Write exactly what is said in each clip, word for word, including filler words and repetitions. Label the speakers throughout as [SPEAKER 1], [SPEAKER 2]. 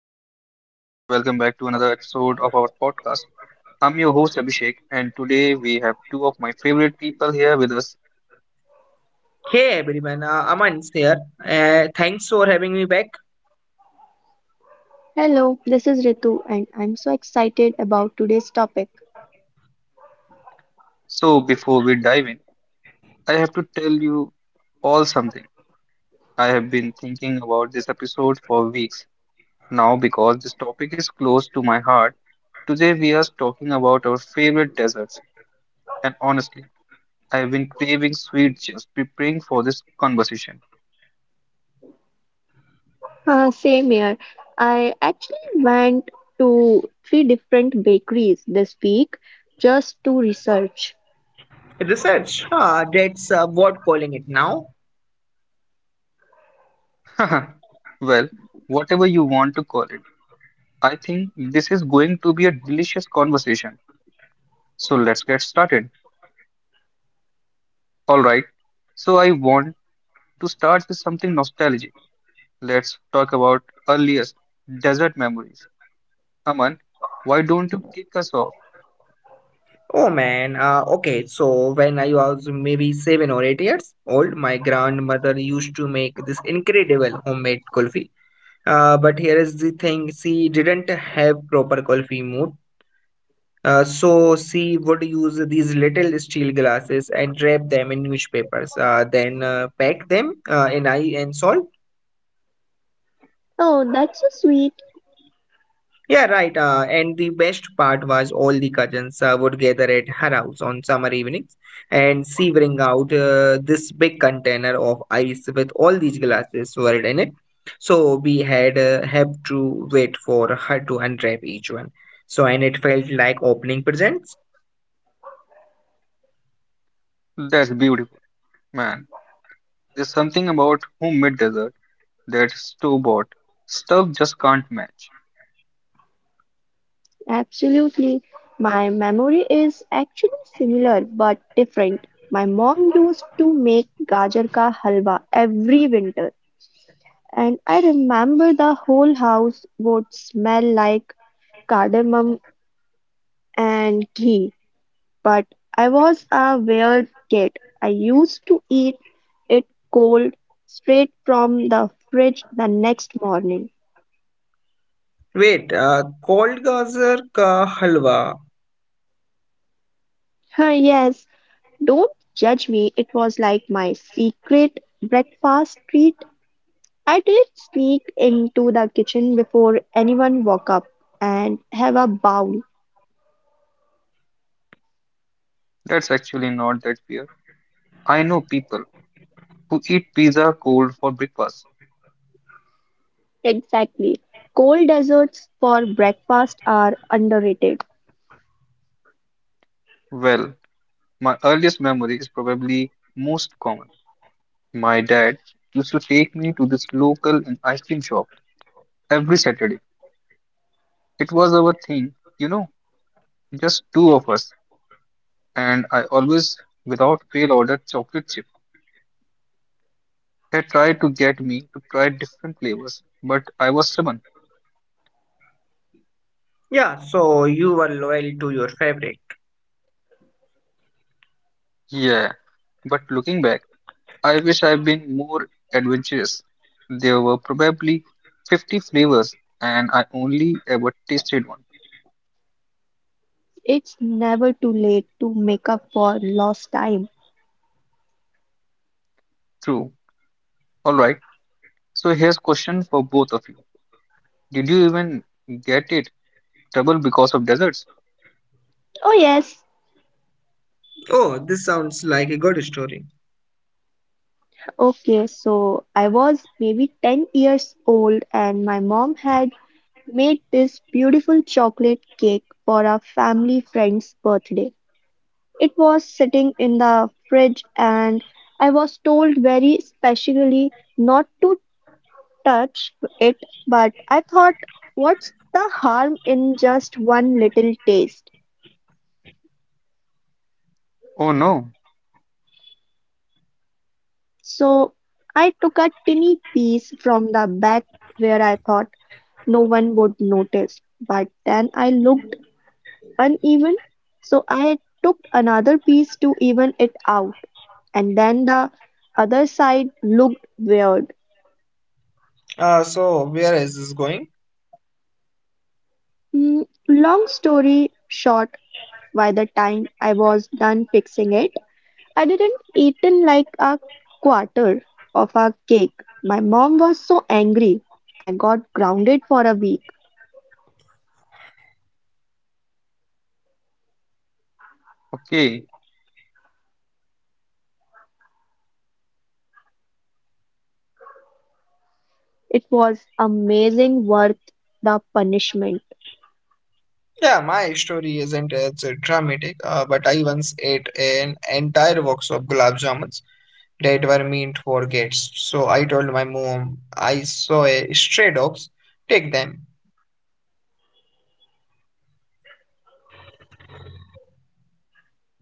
[SPEAKER 1] Hey everyone, welcome back to another episode of our podcast. I'm your host Abhishek, and today we have two of my favorite people here with us.
[SPEAKER 2] Hey everyone, uh, Aman's here. Uh, thanks for having me back.
[SPEAKER 3] Hello, this is Ritu, and I'm so excited about today's topic.
[SPEAKER 1] So, before we dive in, I have to tell you all something. I have been thinking about this episode for weeks now because this topic is close to my heart. Today, we are talking about our favorite deserts, and honestly, I have been craving sweet just preparing for this conversation.
[SPEAKER 3] Uh, same here. I actually went to three different bakeries this week just to research.
[SPEAKER 2] Research, ah, that's uh, what calling it now.
[SPEAKER 1] Well, whatever you want to call it. I think this is going to be a delicious conversation. So let's get started. All right. So I want to start with something nostalgic. Let's talk about earliest desert memories. Aman, why don't you kick us off?
[SPEAKER 2] Oh man, uh, okay, so when I was maybe seven or eight years old, my grandmother used to make this incredible homemade kulfi. Uh, but here is the thing, she didn't have proper kulfi mood. Uh, so she would use these little steel glasses and wrap them in newspapers, uh, then uh, pack them uh, in ice and salt.
[SPEAKER 3] Oh, that's so sweet.
[SPEAKER 2] Yeah, right. Uh, and the best part was all the cousins uh, would gather at her house on summer evenings, and she bring out uh, this big container of ice with all these glasses were in it. So we had uh, have to wait for her to unwrap each one. So and it felt like opening presents.
[SPEAKER 1] That's beautiful, man. There's something about homemade dessert that store-bought stuff just can't match.
[SPEAKER 3] Absolutely. My memory is actually similar but different. My mom used to make gajar ka halwa every winter, and I remember the whole house would smell like cardamom and ghee. But I was a weird kid, I used to eat it cold, straight from the fridge the next morning.
[SPEAKER 2] Wait, uh, cold gazer ka halwa.
[SPEAKER 3] Yes, don't judge me, it was like my secret breakfast treat. I did sneak into the kitchen before anyone woke up and have a bowl.
[SPEAKER 1] That's actually not that weird. I know people who eat pizza cold for breakfast.
[SPEAKER 3] Exactly. Cold desserts for breakfast are underrated.
[SPEAKER 1] Well, my earliest memory is probably most common. My dad used to take me to this local ice cream shop every Saturday. It was our thing, you know, just two of us. And I always, without fail, ordered chocolate chip. He tried to get me to try different flavors, but I was stubborn.
[SPEAKER 2] Yeah, so you were loyal to your favorite.
[SPEAKER 1] Yeah, but looking back, I wish I'd been more adventurous. There were probably fifty flavors, and I only ever tasted one.
[SPEAKER 3] It's never too late to make up for lost time.
[SPEAKER 1] True. All right. So here's question for both of you. Did you even get it Trouble because of deserts?
[SPEAKER 3] Oh, yes.
[SPEAKER 2] Oh, this sounds like a good story.
[SPEAKER 3] Okay, so I was maybe ten years old, and my mom had made this beautiful chocolate cake for a family friend's birthday. It was sitting in the fridge, and I was told very specially not to touch it, but I thought, what's the harm in just one little taste?
[SPEAKER 1] Oh no.
[SPEAKER 3] So I took a tiny piece from the back where I thought no one would notice, but then I looked uneven, so I took another piece to even it out, and then the other side looked weird.
[SPEAKER 2] Uh, so where is this going?
[SPEAKER 3] Mm, long story short, by the time I was done fixing it, I didn't eaten like a quarter of a cake. My mom was so angry. I got grounded for a week.
[SPEAKER 1] Okay.
[SPEAKER 3] It was amazing worth the punishment.
[SPEAKER 2] Yeah, my story isn't as dramatic, uh, but I once ate an entire box of gulab jamuns that were meant for guests. So I told my mom I saw a stray dogs, take them.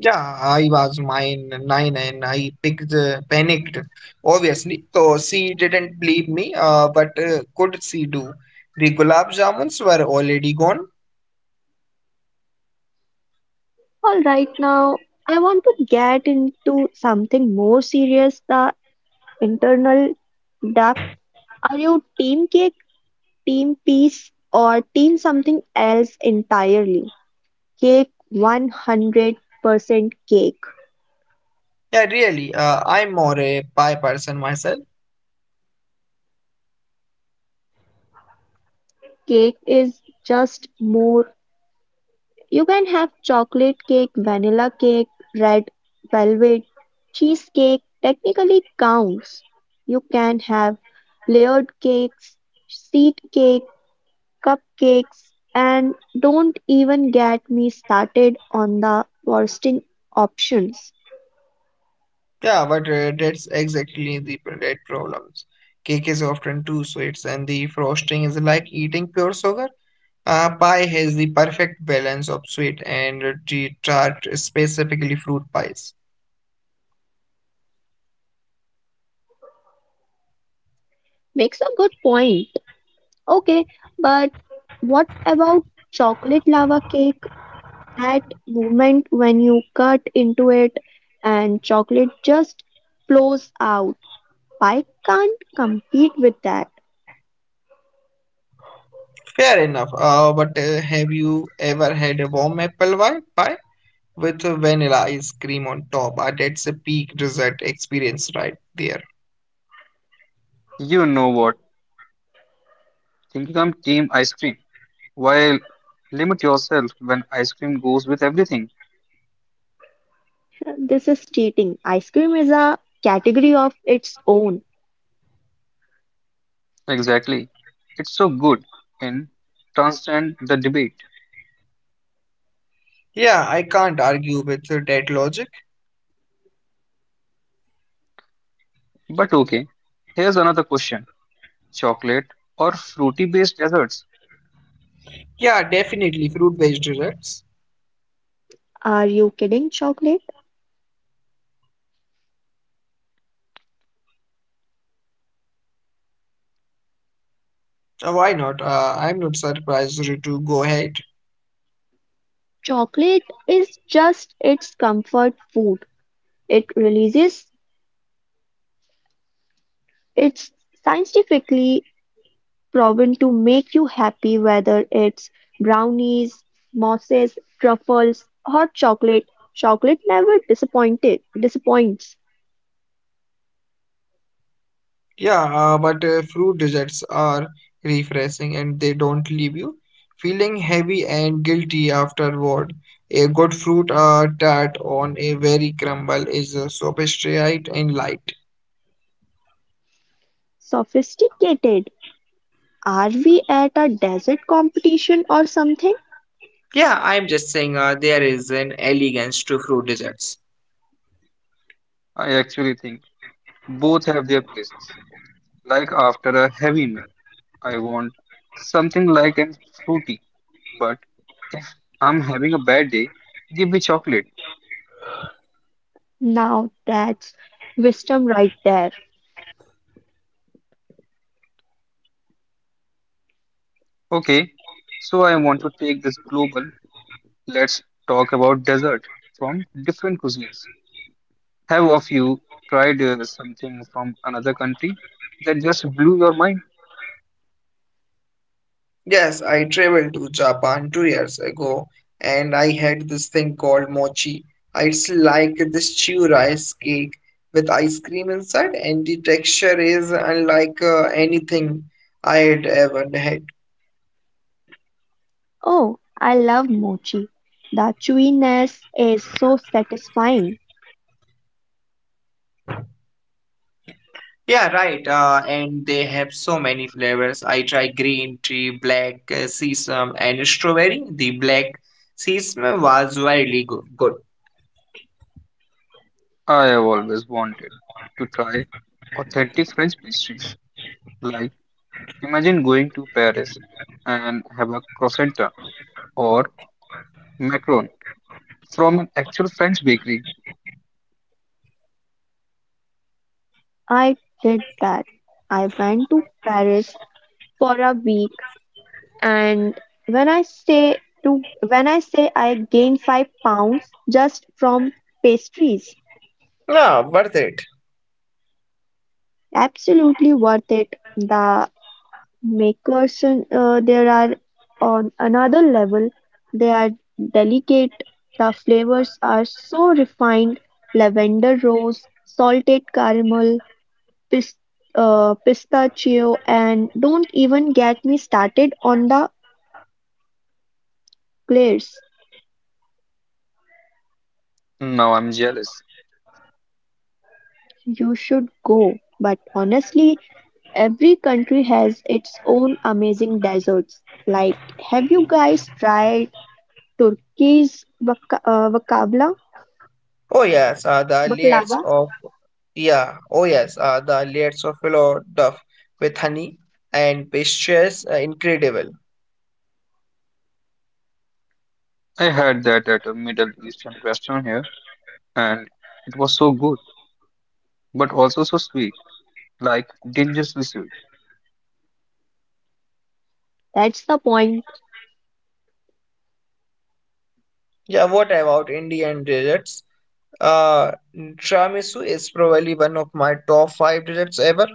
[SPEAKER 2] Yeah, I was mine nine and I picked, uh, panicked, obviously. So she didn't believe me, uh, but uh, could she do? The gulab jamuns were already gone.
[SPEAKER 3] All right, now I want to get into something more serious, the internal depth. Are you team cake, team peace, or team something else entirely? Cake one hundred percent cake.
[SPEAKER 2] Yeah, really, uh, I'm more a pie person myself.
[SPEAKER 3] Cake is just more. You can have chocolate cake, vanilla cake, red velvet, cheesecake technically counts. You can have layered cakes, seed cake, cupcakes, and don't even get me started on the frosting options.
[SPEAKER 2] Yeah, but uh, that's exactly the pr- that problems. Cake is often too sweet, and the frosting is like eating pure sugar. Uh, pie has the perfect balance of sweet and uh, the tart, specifically fruit pies.
[SPEAKER 3] Makes a good point. Okay, but what about chocolate lava cake? That moment when you cut into it and chocolate just flows out. I can't compete with that.
[SPEAKER 2] Fair enough. Uh, but uh, Have you ever had a warm apple wi- pie with uh, vanilla ice cream on top? Uh, that's a peak dessert experience right there.
[SPEAKER 1] You know what? Thinking I'm team ice cream. While limit yourself when ice cream goes with everything.
[SPEAKER 3] This is cheating. Ice cream is a category of its own.
[SPEAKER 1] Exactly. It's so good in transcend the debate.
[SPEAKER 2] Yeah, I can't argue with uh, that logic.
[SPEAKER 1] But okay. Here's another question. Chocolate or fruity based desserts?
[SPEAKER 2] Yeah, definitely fruit-based desserts.
[SPEAKER 3] Are you kidding, chocolate?
[SPEAKER 2] Uh, Why not? Uh, I'm not surprised to go ahead.
[SPEAKER 3] Chocolate is just its comfort food. It releases. It's scientifically proven to make you happy whether it's brownies, mousses, truffles, hot chocolate. Chocolate never disappointed disappoints.
[SPEAKER 2] Yeah, uh, but uh, fruit desserts are refreshing and they don't leave you feeling heavy and guilty afterward. A good fruit uh, tart on a very crumble is uh, sophisticated and light.
[SPEAKER 3] Sophisticated. Are we at a desert competition or something?
[SPEAKER 2] Yeah, I'm just saying uh, there is an elegance to fruit desserts.
[SPEAKER 1] I actually think both have their places. Like after a heavy meal, I want something like and fruity. But if I'm having a bad day, give me chocolate.
[SPEAKER 3] Now that's wisdom right there.
[SPEAKER 1] Okay, so I want to take this global. Let's talk about dessert from different cuisines. Have of you tried uh, something from another country that just blew your mind?
[SPEAKER 2] Yes, I traveled to Japan two years ago and I had this thing called mochi. It's like this chew rice cake with ice cream inside, and the texture is unlike uh, anything I had ever had.
[SPEAKER 3] Oh, I love mochi. The chewiness is so satisfying.
[SPEAKER 2] Yeah, right. Uh, and they have so many flavors. I tried green tea, black uh, sesame, and strawberry. The black sesame was very go- good.
[SPEAKER 1] I have always wanted to try authentic French pastries. Like imagine going to Paris and have a croissant or macaron from an actual French bakery.
[SPEAKER 3] I did that. I went to Paris for a week and when I say to when I say I gained five pounds just from pastries,
[SPEAKER 2] Yeah, worth it.
[SPEAKER 3] absolutely worth it. The makers uh, there are on another level. They are delicate. The flavors are so refined. Lavender rose, salted caramel, pis uh, Pistachio, and don't even get me started on the eclairs.
[SPEAKER 1] Now I'm jealous.
[SPEAKER 3] You should go. But honestly, every country has its own amazing desserts. Like, have you guys tried Turkey's baka- uh, bakabla?
[SPEAKER 2] Oh yes, uh, the layers
[SPEAKER 3] Baklava?
[SPEAKER 2] of yeah. Oh yes, uh, the layers of pillow duff with honey and pastries, uh, incredible.
[SPEAKER 1] I had that at a Middle Eastern restaurant here, and it was so good, but also so sweet, like dangerously sweet.
[SPEAKER 3] That's the point.
[SPEAKER 2] Yeah, what about Indian desserts? Uh, Tiramisu is probably one of my top five desserts ever.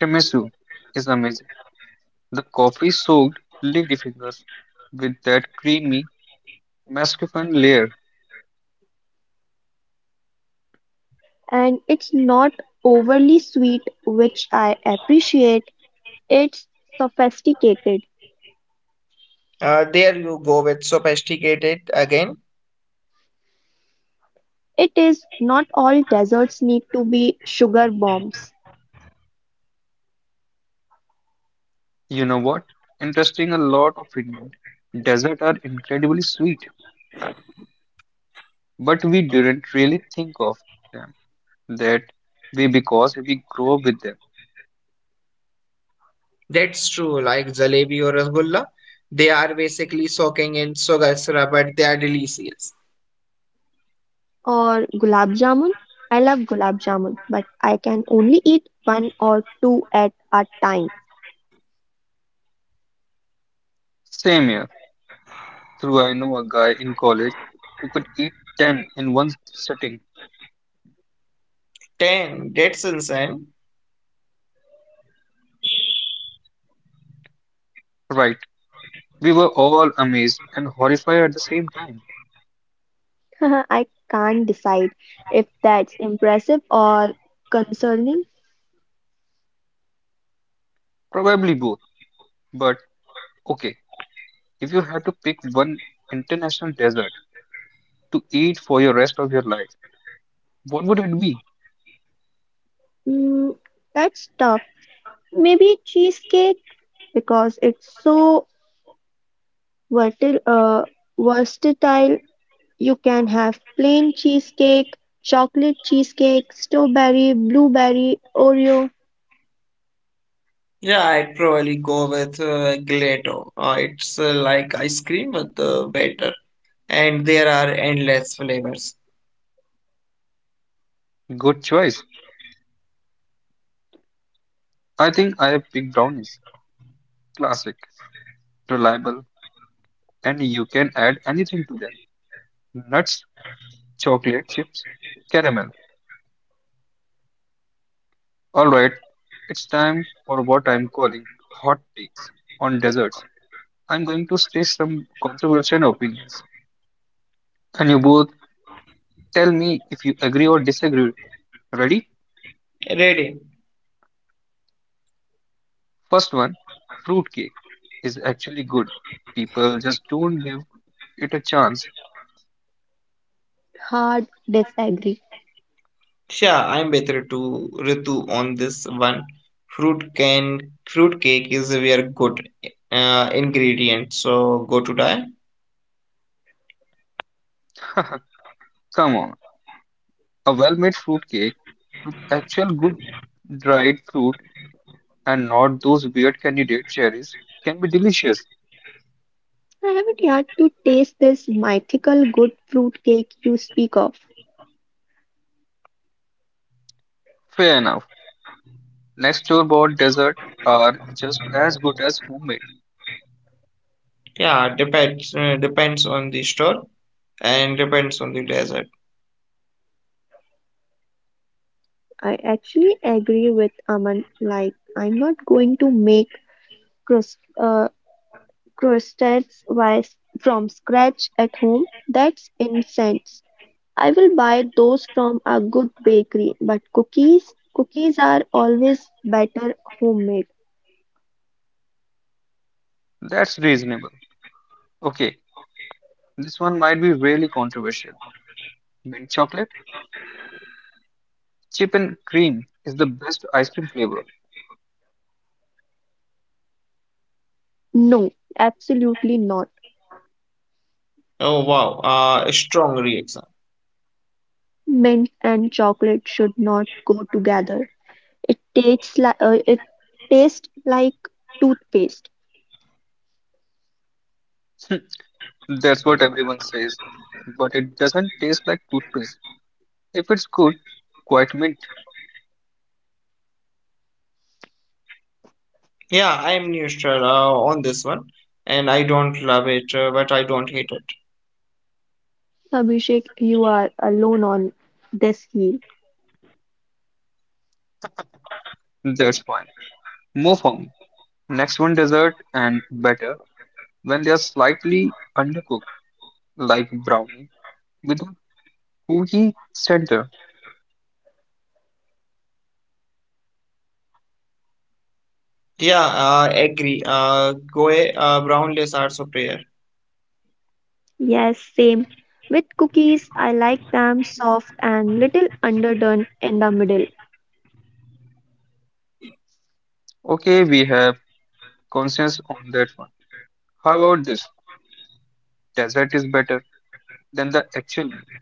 [SPEAKER 1] Tiramisu is amazing. The coffee soaked ladyfingers with that creamy mascarpone layer.
[SPEAKER 3] And it's not overly sweet, which I appreciate. It's sophisticated.
[SPEAKER 2] Uh, there you go with sophisticated again.
[SPEAKER 3] It is not all desserts need to be sugar bombs.
[SPEAKER 1] You know what? Interesting, a lot of Indian desserts are incredibly sweet, but we didn't really think of them that way because we grew up with them.
[SPEAKER 2] That's true, like jalebi or rasgulla. They are basically soaking in sugar syrup, but they are delicious.
[SPEAKER 3] Or gulab jamun. I love gulab jamun, but I can only eat one or two at a time.
[SPEAKER 1] Same here. Through I know a guy in college who could eat ten in one sitting.
[SPEAKER 2] Ten, that's insane.
[SPEAKER 1] Right, we were all amazed and horrified at the same time.
[SPEAKER 3] I can't decide if that's impressive or concerning.
[SPEAKER 1] Probably both. But okay, if you had to pick one international dessert to eat for your rest of your life, what would it be?
[SPEAKER 3] Mm, that's tough. Maybe cheesecake because it's so vertil, uh, versatile. You can have plain cheesecake, chocolate cheesecake, strawberry, blueberry, Oreo.
[SPEAKER 2] Yeah, I'd probably go with uh, gelato. Uh, it's uh, like ice cream with uh, batter, and there are endless flavors.
[SPEAKER 1] Good choice. I think I have picked brownies. Classic, reliable, and you can add anything to them. Nuts, chocolate chips, caramel. All right, it's time for what I'm calling hot takes on desserts. I'm going to state some controversial opinions, and you both tell me if you agree or disagree. Ready?
[SPEAKER 2] Ready?
[SPEAKER 1] First one, fruitcake is actually good. People just don't give it a chance.
[SPEAKER 3] Hard disagree.
[SPEAKER 2] Yeah, I'm with Ritu, Ritu on this one. Fruit can Fruit cake is a very good uh, ingredient, so go to die.
[SPEAKER 1] Come on. A well-made fruitcake with actual good dried fruit and not those weird candidate cherries can be delicious.
[SPEAKER 3] I haven't yet to taste this mythical good fruit cake you speak of.
[SPEAKER 1] Fair enough. Next, store bought dessert are just as good as homemade.
[SPEAKER 2] Yeah, depends uh, depends on the store and depends on the dessert.
[SPEAKER 3] I actually agree with Aman, like, I'm not going to make crust, uh, crostets wise from scratch at home. That's incense. I will buy those from a good bakery, but cookies, cookies are always better homemade.
[SPEAKER 1] That's reasonable. Okay, this one might be really controversial. Mint chocolate, chip and cream is the best ice cream flavor.
[SPEAKER 3] No, absolutely not.
[SPEAKER 2] Oh wow, uh, a strong reaction.
[SPEAKER 3] Mint and chocolate should not go together. It tastes like uh, it tastes like toothpaste.
[SPEAKER 1] That's what everyone says, but it doesn't taste like toothpaste. If it's good, quite mint,
[SPEAKER 2] Yeah, I'm neutral uh, on this one, and I don't love it, uh, but I don't hate it.
[SPEAKER 3] Abhishek, you are alone on this heel.
[SPEAKER 1] that's fine. Move on. Next one, dessert and better when they are slightly undercooked, like brownie with a cookie center.
[SPEAKER 2] Yeah, I agree. Uh, Goe uh, Brownless Arts of Prayer.
[SPEAKER 3] Yes, same. With cookies, I like them soft and little underdone in the middle.
[SPEAKER 1] Okay, we have consensus on that one. How about this? Dessert is better than the actual meal.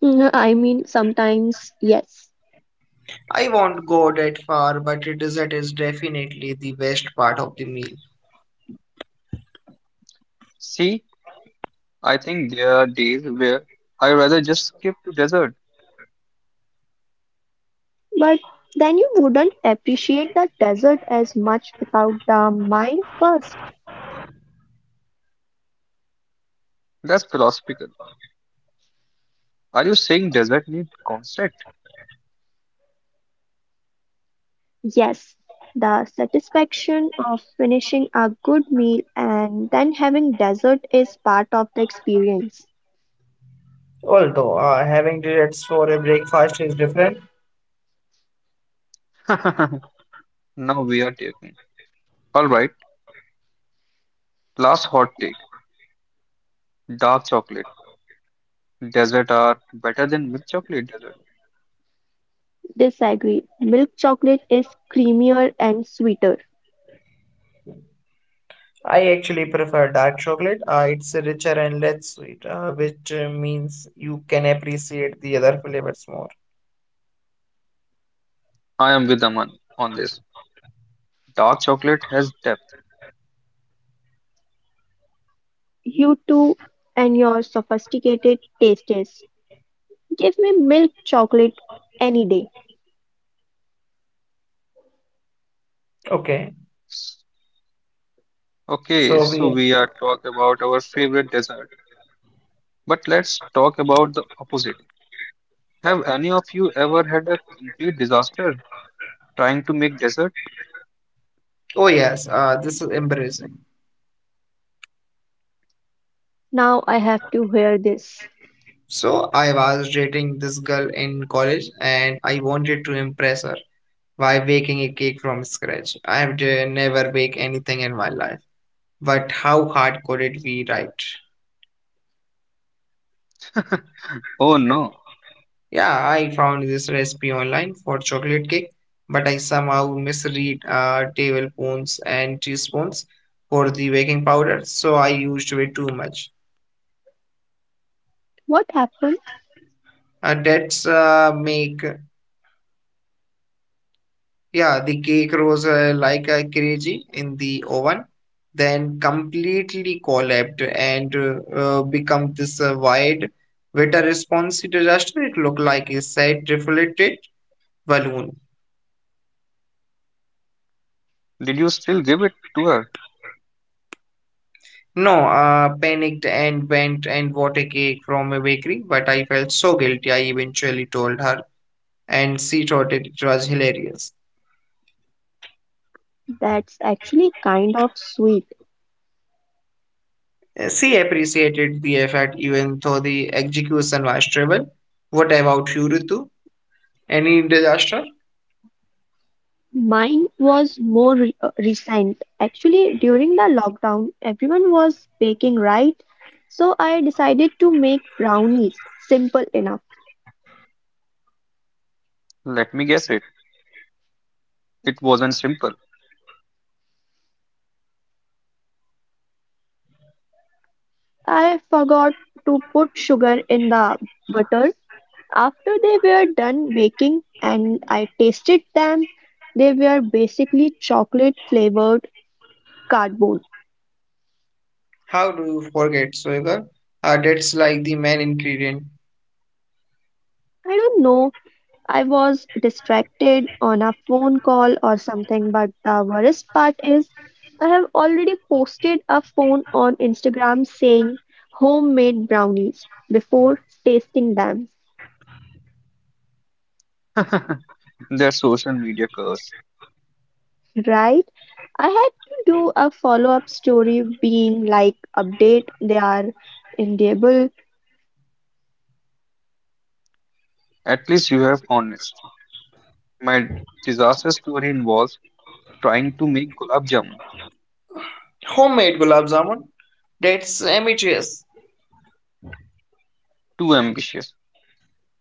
[SPEAKER 3] Mm, I mean, sometimes yes,
[SPEAKER 2] I won't go that far, but dessert is definitely the best part of the meal.
[SPEAKER 1] See, I think there are days where I rather just skip to dessert.
[SPEAKER 3] but then you wouldn't appreciate the dessert as much without the mind first.
[SPEAKER 1] That's philosophical. Are you saying dessert need concept?
[SPEAKER 3] Yes, the satisfaction of finishing a good meal and then having dessert is part of the experience.
[SPEAKER 2] Although uh, having desserts for a breakfast is different.
[SPEAKER 1] Now we are taking. Alright, last hot take. Dark chocolate. Desert are better than milk chocolate desert.
[SPEAKER 3] Disagree. Milk chocolate is creamier and sweeter.
[SPEAKER 2] I actually prefer dark chocolate. Uh, it's richer and less sweet, uh, which uh, means you can appreciate the other flavors more.
[SPEAKER 1] I am with Aman on this. Dark chocolate has depth.
[SPEAKER 3] You two and your sophisticated tastes. Give me milk chocolate any day.
[SPEAKER 2] Okay,
[SPEAKER 1] Okay,
[SPEAKER 2] so
[SPEAKER 1] so
[SPEAKER 2] we.
[SPEAKER 1] we are talk about our favorite dessert. But let's talk about the opposite. Have any of you ever had a complete disaster trying to make dessert?
[SPEAKER 2] Oh yes, uh, this is embarrassing.
[SPEAKER 3] Now I have to hear this.
[SPEAKER 2] So I was dating this girl in college, and I wanted to impress her. Why baking a cake from scratch? I have d- never baked anything in my life. But how hard could it be, right?
[SPEAKER 1] Oh no.
[SPEAKER 2] Yeah, I found this recipe online for chocolate cake, but I somehow misread uh, tablespoons and teaspoons for the baking powder, so I used way too much.
[SPEAKER 3] What happened?
[SPEAKER 2] Uh, that's uh, make Yeah, the cake rose uh, like a crazy in the oven, then completely collapsed and uh, uh, become this uh, wide with a response disaster. It looked like a sad, deflated balloon.
[SPEAKER 1] Did you still give it to her?
[SPEAKER 2] No, uh, panicked and went and bought a cake from a bakery, but I felt so guilty. I eventually told her, and she thought it, it was hilarious.
[SPEAKER 3] That's actually kind of sweet.
[SPEAKER 2] Uh, She appreciated the effort, even though the execution was terrible. What about you, Ritu? Any disaster?
[SPEAKER 3] Mine was more re- uh, recent. Actually, during the lockdown, everyone was baking, right? So I decided to make brownies. Simple enough.
[SPEAKER 1] Let me guess it. It wasn't simple.
[SPEAKER 3] I forgot to put sugar in the butter. After they were done baking and I tasted them, they were basically chocolate flavored cardboard.
[SPEAKER 2] How do you forget sugar? Uh, that's like the main ingredient.
[SPEAKER 3] I don't know, I was distracted on a phone call or something, but the worst part is I have already posted a phone on Instagram saying homemade brownies before tasting them,
[SPEAKER 1] Their social media curse.
[SPEAKER 3] right? I had to do a follow up story being like, update, they are edible.
[SPEAKER 1] At least you have honesty. My disaster story involves trying to make gulab jamun.
[SPEAKER 2] Homemade gulab jamun? That's ambitious.
[SPEAKER 1] Too ambitious.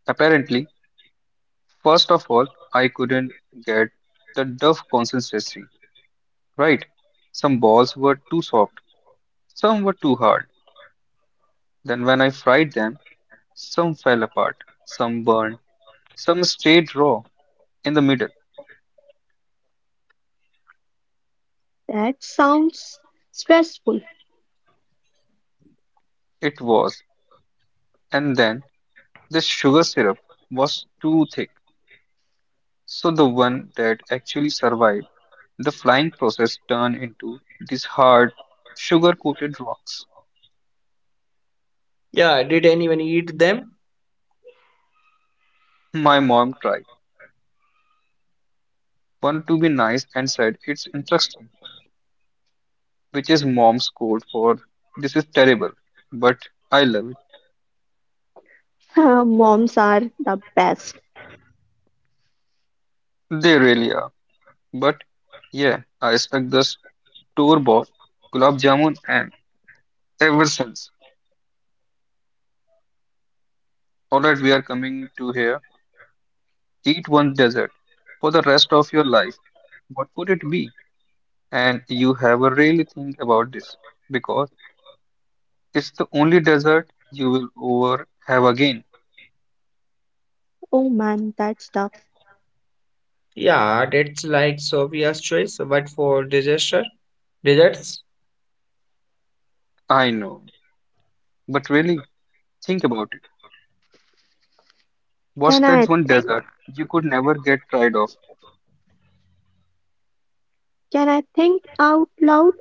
[SPEAKER 1] Apparently, first of all, I couldn't get the dough consistency right. Some balls were too soft, some were too hard. Then when I fried them, some fell apart, some burned, some stayed raw in the middle.
[SPEAKER 3] That sounds stressful.
[SPEAKER 1] It was. And then the sugar syrup was too thick. So the one that actually survived the flying process turned into these hard, sugar coated rocks.
[SPEAKER 2] Yeah, did anyone eat them?
[SPEAKER 1] My mom tried one to be nice and said, "It's interesting," which is mom's code for "this is terrible, but I love it."
[SPEAKER 3] Moms are the best.
[SPEAKER 1] They really are. But yeah, I expect the store bought gulab jamun and ever since. Alright, we are coming to here. Eat one dessert for the rest of your life. What would it be? And you have a really think about this because it's the only desert you will ever have again.
[SPEAKER 3] Oh man, that's tough.
[SPEAKER 2] Yeah, that's like Sophia's choice, but for disaster desserts.
[SPEAKER 1] I know. But really, think about it. What's
[SPEAKER 3] Can
[SPEAKER 1] that
[SPEAKER 3] I
[SPEAKER 1] one
[SPEAKER 3] think?
[SPEAKER 1] desert you could never get tired of?
[SPEAKER 3] Can I think out loud?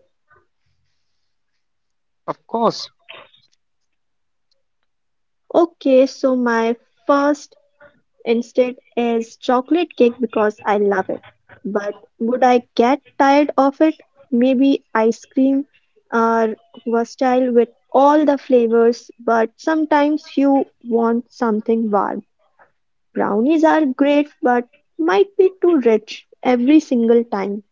[SPEAKER 1] Of course,
[SPEAKER 3] Okay, so my first instinct is chocolate cake because I love it. But would I get tired of it? Maybe ice cream are versatile with all the flavors, but sometimes you want something warm. Brownies are great but might be too rich every single time,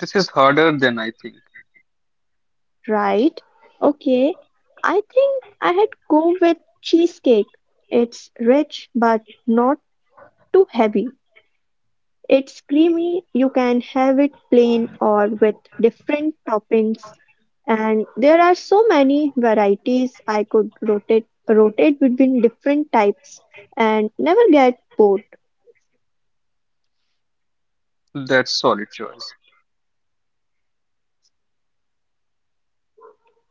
[SPEAKER 1] this is harder than I think.
[SPEAKER 3] right? Okay, I think I had go with cheesecake. It's rich but not too heavy. It's creamy. You can have it plain or with different toppings. And there are so many varieties I could rotate rotate between different types and never get bored.
[SPEAKER 1] That's solid choice.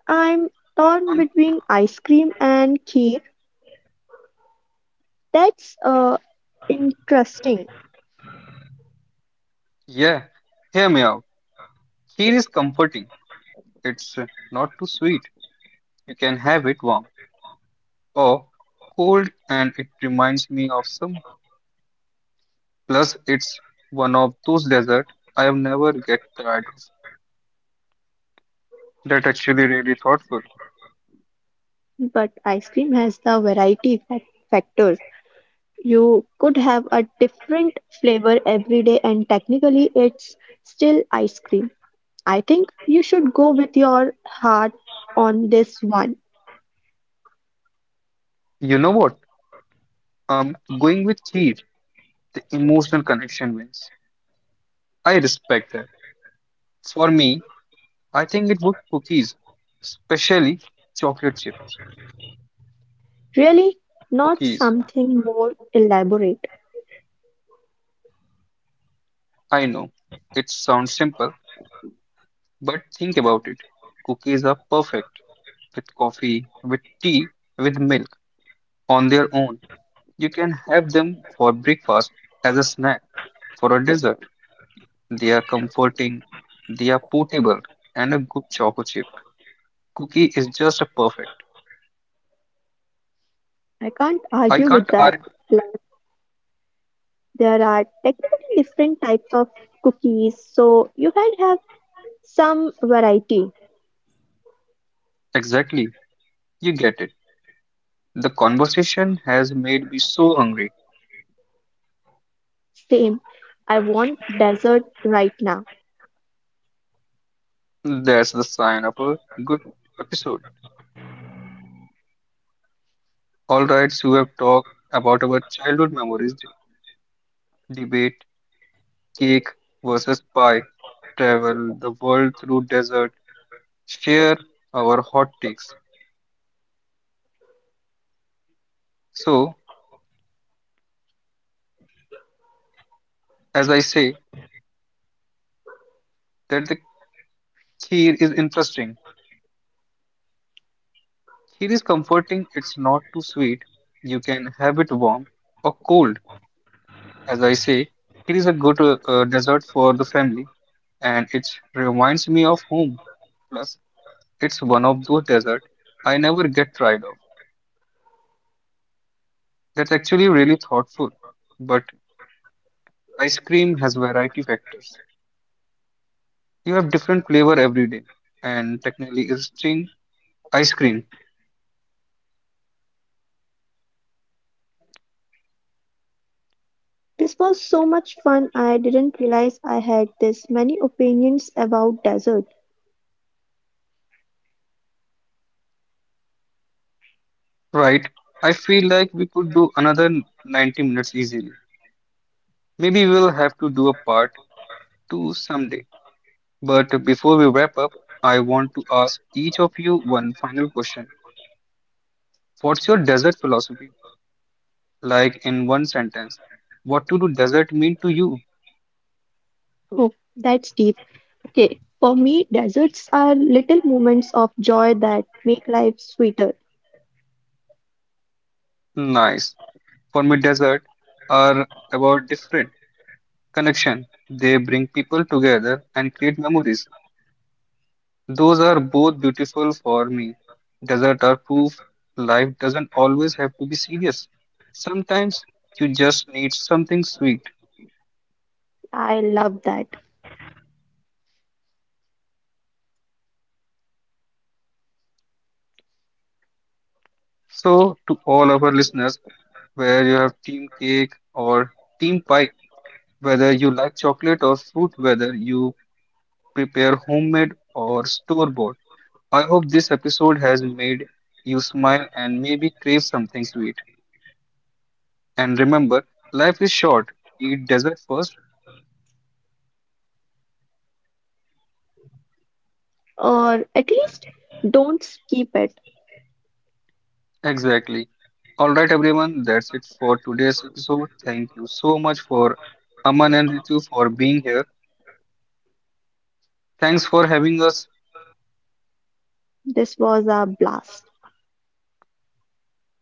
[SPEAKER 3] I'm torn
[SPEAKER 1] And
[SPEAKER 3] between ice cream and kheer. That's uh, interesting,
[SPEAKER 1] yeah, hear me out. Here is comforting. It's uh, not too sweet. You can have it warm or cold, and it reminds me of some. Plus, it's one of those deserts I have never get tired of. That actually really thoughtful.
[SPEAKER 3] but ice cream has the variety fac- factors. You could have a different flavor every day, and technically, it's still ice cream. I think you should go with your heart on this one.
[SPEAKER 1] You know what? Um, going with Keith, the emotional connection wins. I respect that. For me, I think it would cookies, especially chocolate chips.
[SPEAKER 3] Really, not
[SPEAKER 1] Cookies.
[SPEAKER 3] something more elaborate.
[SPEAKER 1] I know it sounds simple, but think about it. Cookies are perfect with coffee, with tea, with milk on their own. You can have them for breakfast, as a snack, for a dessert. They are comforting, they are portable, and a good chocolate chip. Cookie is just a perfect.
[SPEAKER 3] I can't
[SPEAKER 1] I
[SPEAKER 3] argue with
[SPEAKER 1] can't
[SPEAKER 3] that.
[SPEAKER 1] argue.
[SPEAKER 3] Plus, there are technically different types of cookies, so you can have some variety.
[SPEAKER 1] Exactly. You get it. The conversation has made me so hungry.
[SPEAKER 3] Same. I want dessert right now.
[SPEAKER 1] That's the sign of a good episode. All right, so we have talked about our childhood memories, d- debate, cake versus pie, travel the world through desert, share our hot takes. So, as I say, that the kheer is interesting. Kheer is comforting, it's not too sweet. You can have it warm or cold. As I say, it is a good uh, uh, dessert for the family, and it reminds me of home. Plus, it's one of those desserts I never get tired of. That's actually really thoughtful. But ice cream has variety factors. You have different flavor every day, and technically, it's string ice cream,
[SPEAKER 3] This was so much fun. I didn't realize I had this many opinions about dessert.
[SPEAKER 1] right? I feel like we could do another ninety minutes easily. Maybe we'll have to do a part two someday. But before we wrap up, I want to ask each of you one final question. What's your desert philosophy? Like in one sentence, what to do desert mean to you?
[SPEAKER 3] Oh, that's deep. Okay, for me, desserts are little moments of joy that make life sweeter.
[SPEAKER 1] Nice. For me, desert are about different connection. They bring people together and create memories. Those are both beautiful for me. Desert are proof life doesn't always have to be serious. Sometimes you just need something sweet.
[SPEAKER 3] I love that.
[SPEAKER 1] So, to all our listeners, where you have team cake or team pie, whether you like chocolate or fruit, whether you prepare homemade or store bought. I hope this episode has made you smile and maybe crave something sweet. And remember, life is short. Eat dessert first.
[SPEAKER 3] Or at least don't skip it.
[SPEAKER 1] Exactly. All right, everyone, that's it for today's episode. Thank you so much for Aman and Ritu for being here. Thanks for having us,
[SPEAKER 3] This was a blast.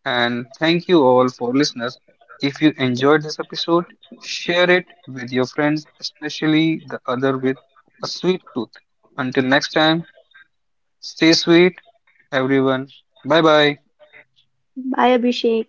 [SPEAKER 1] and thank you all for listeners. If you enjoyed this episode, share it with your friends, especially the other with a sweet tooth. Until next time, stay sweet, everyone; bye bye.
[SPEAKER 3] Bye, Abhishek.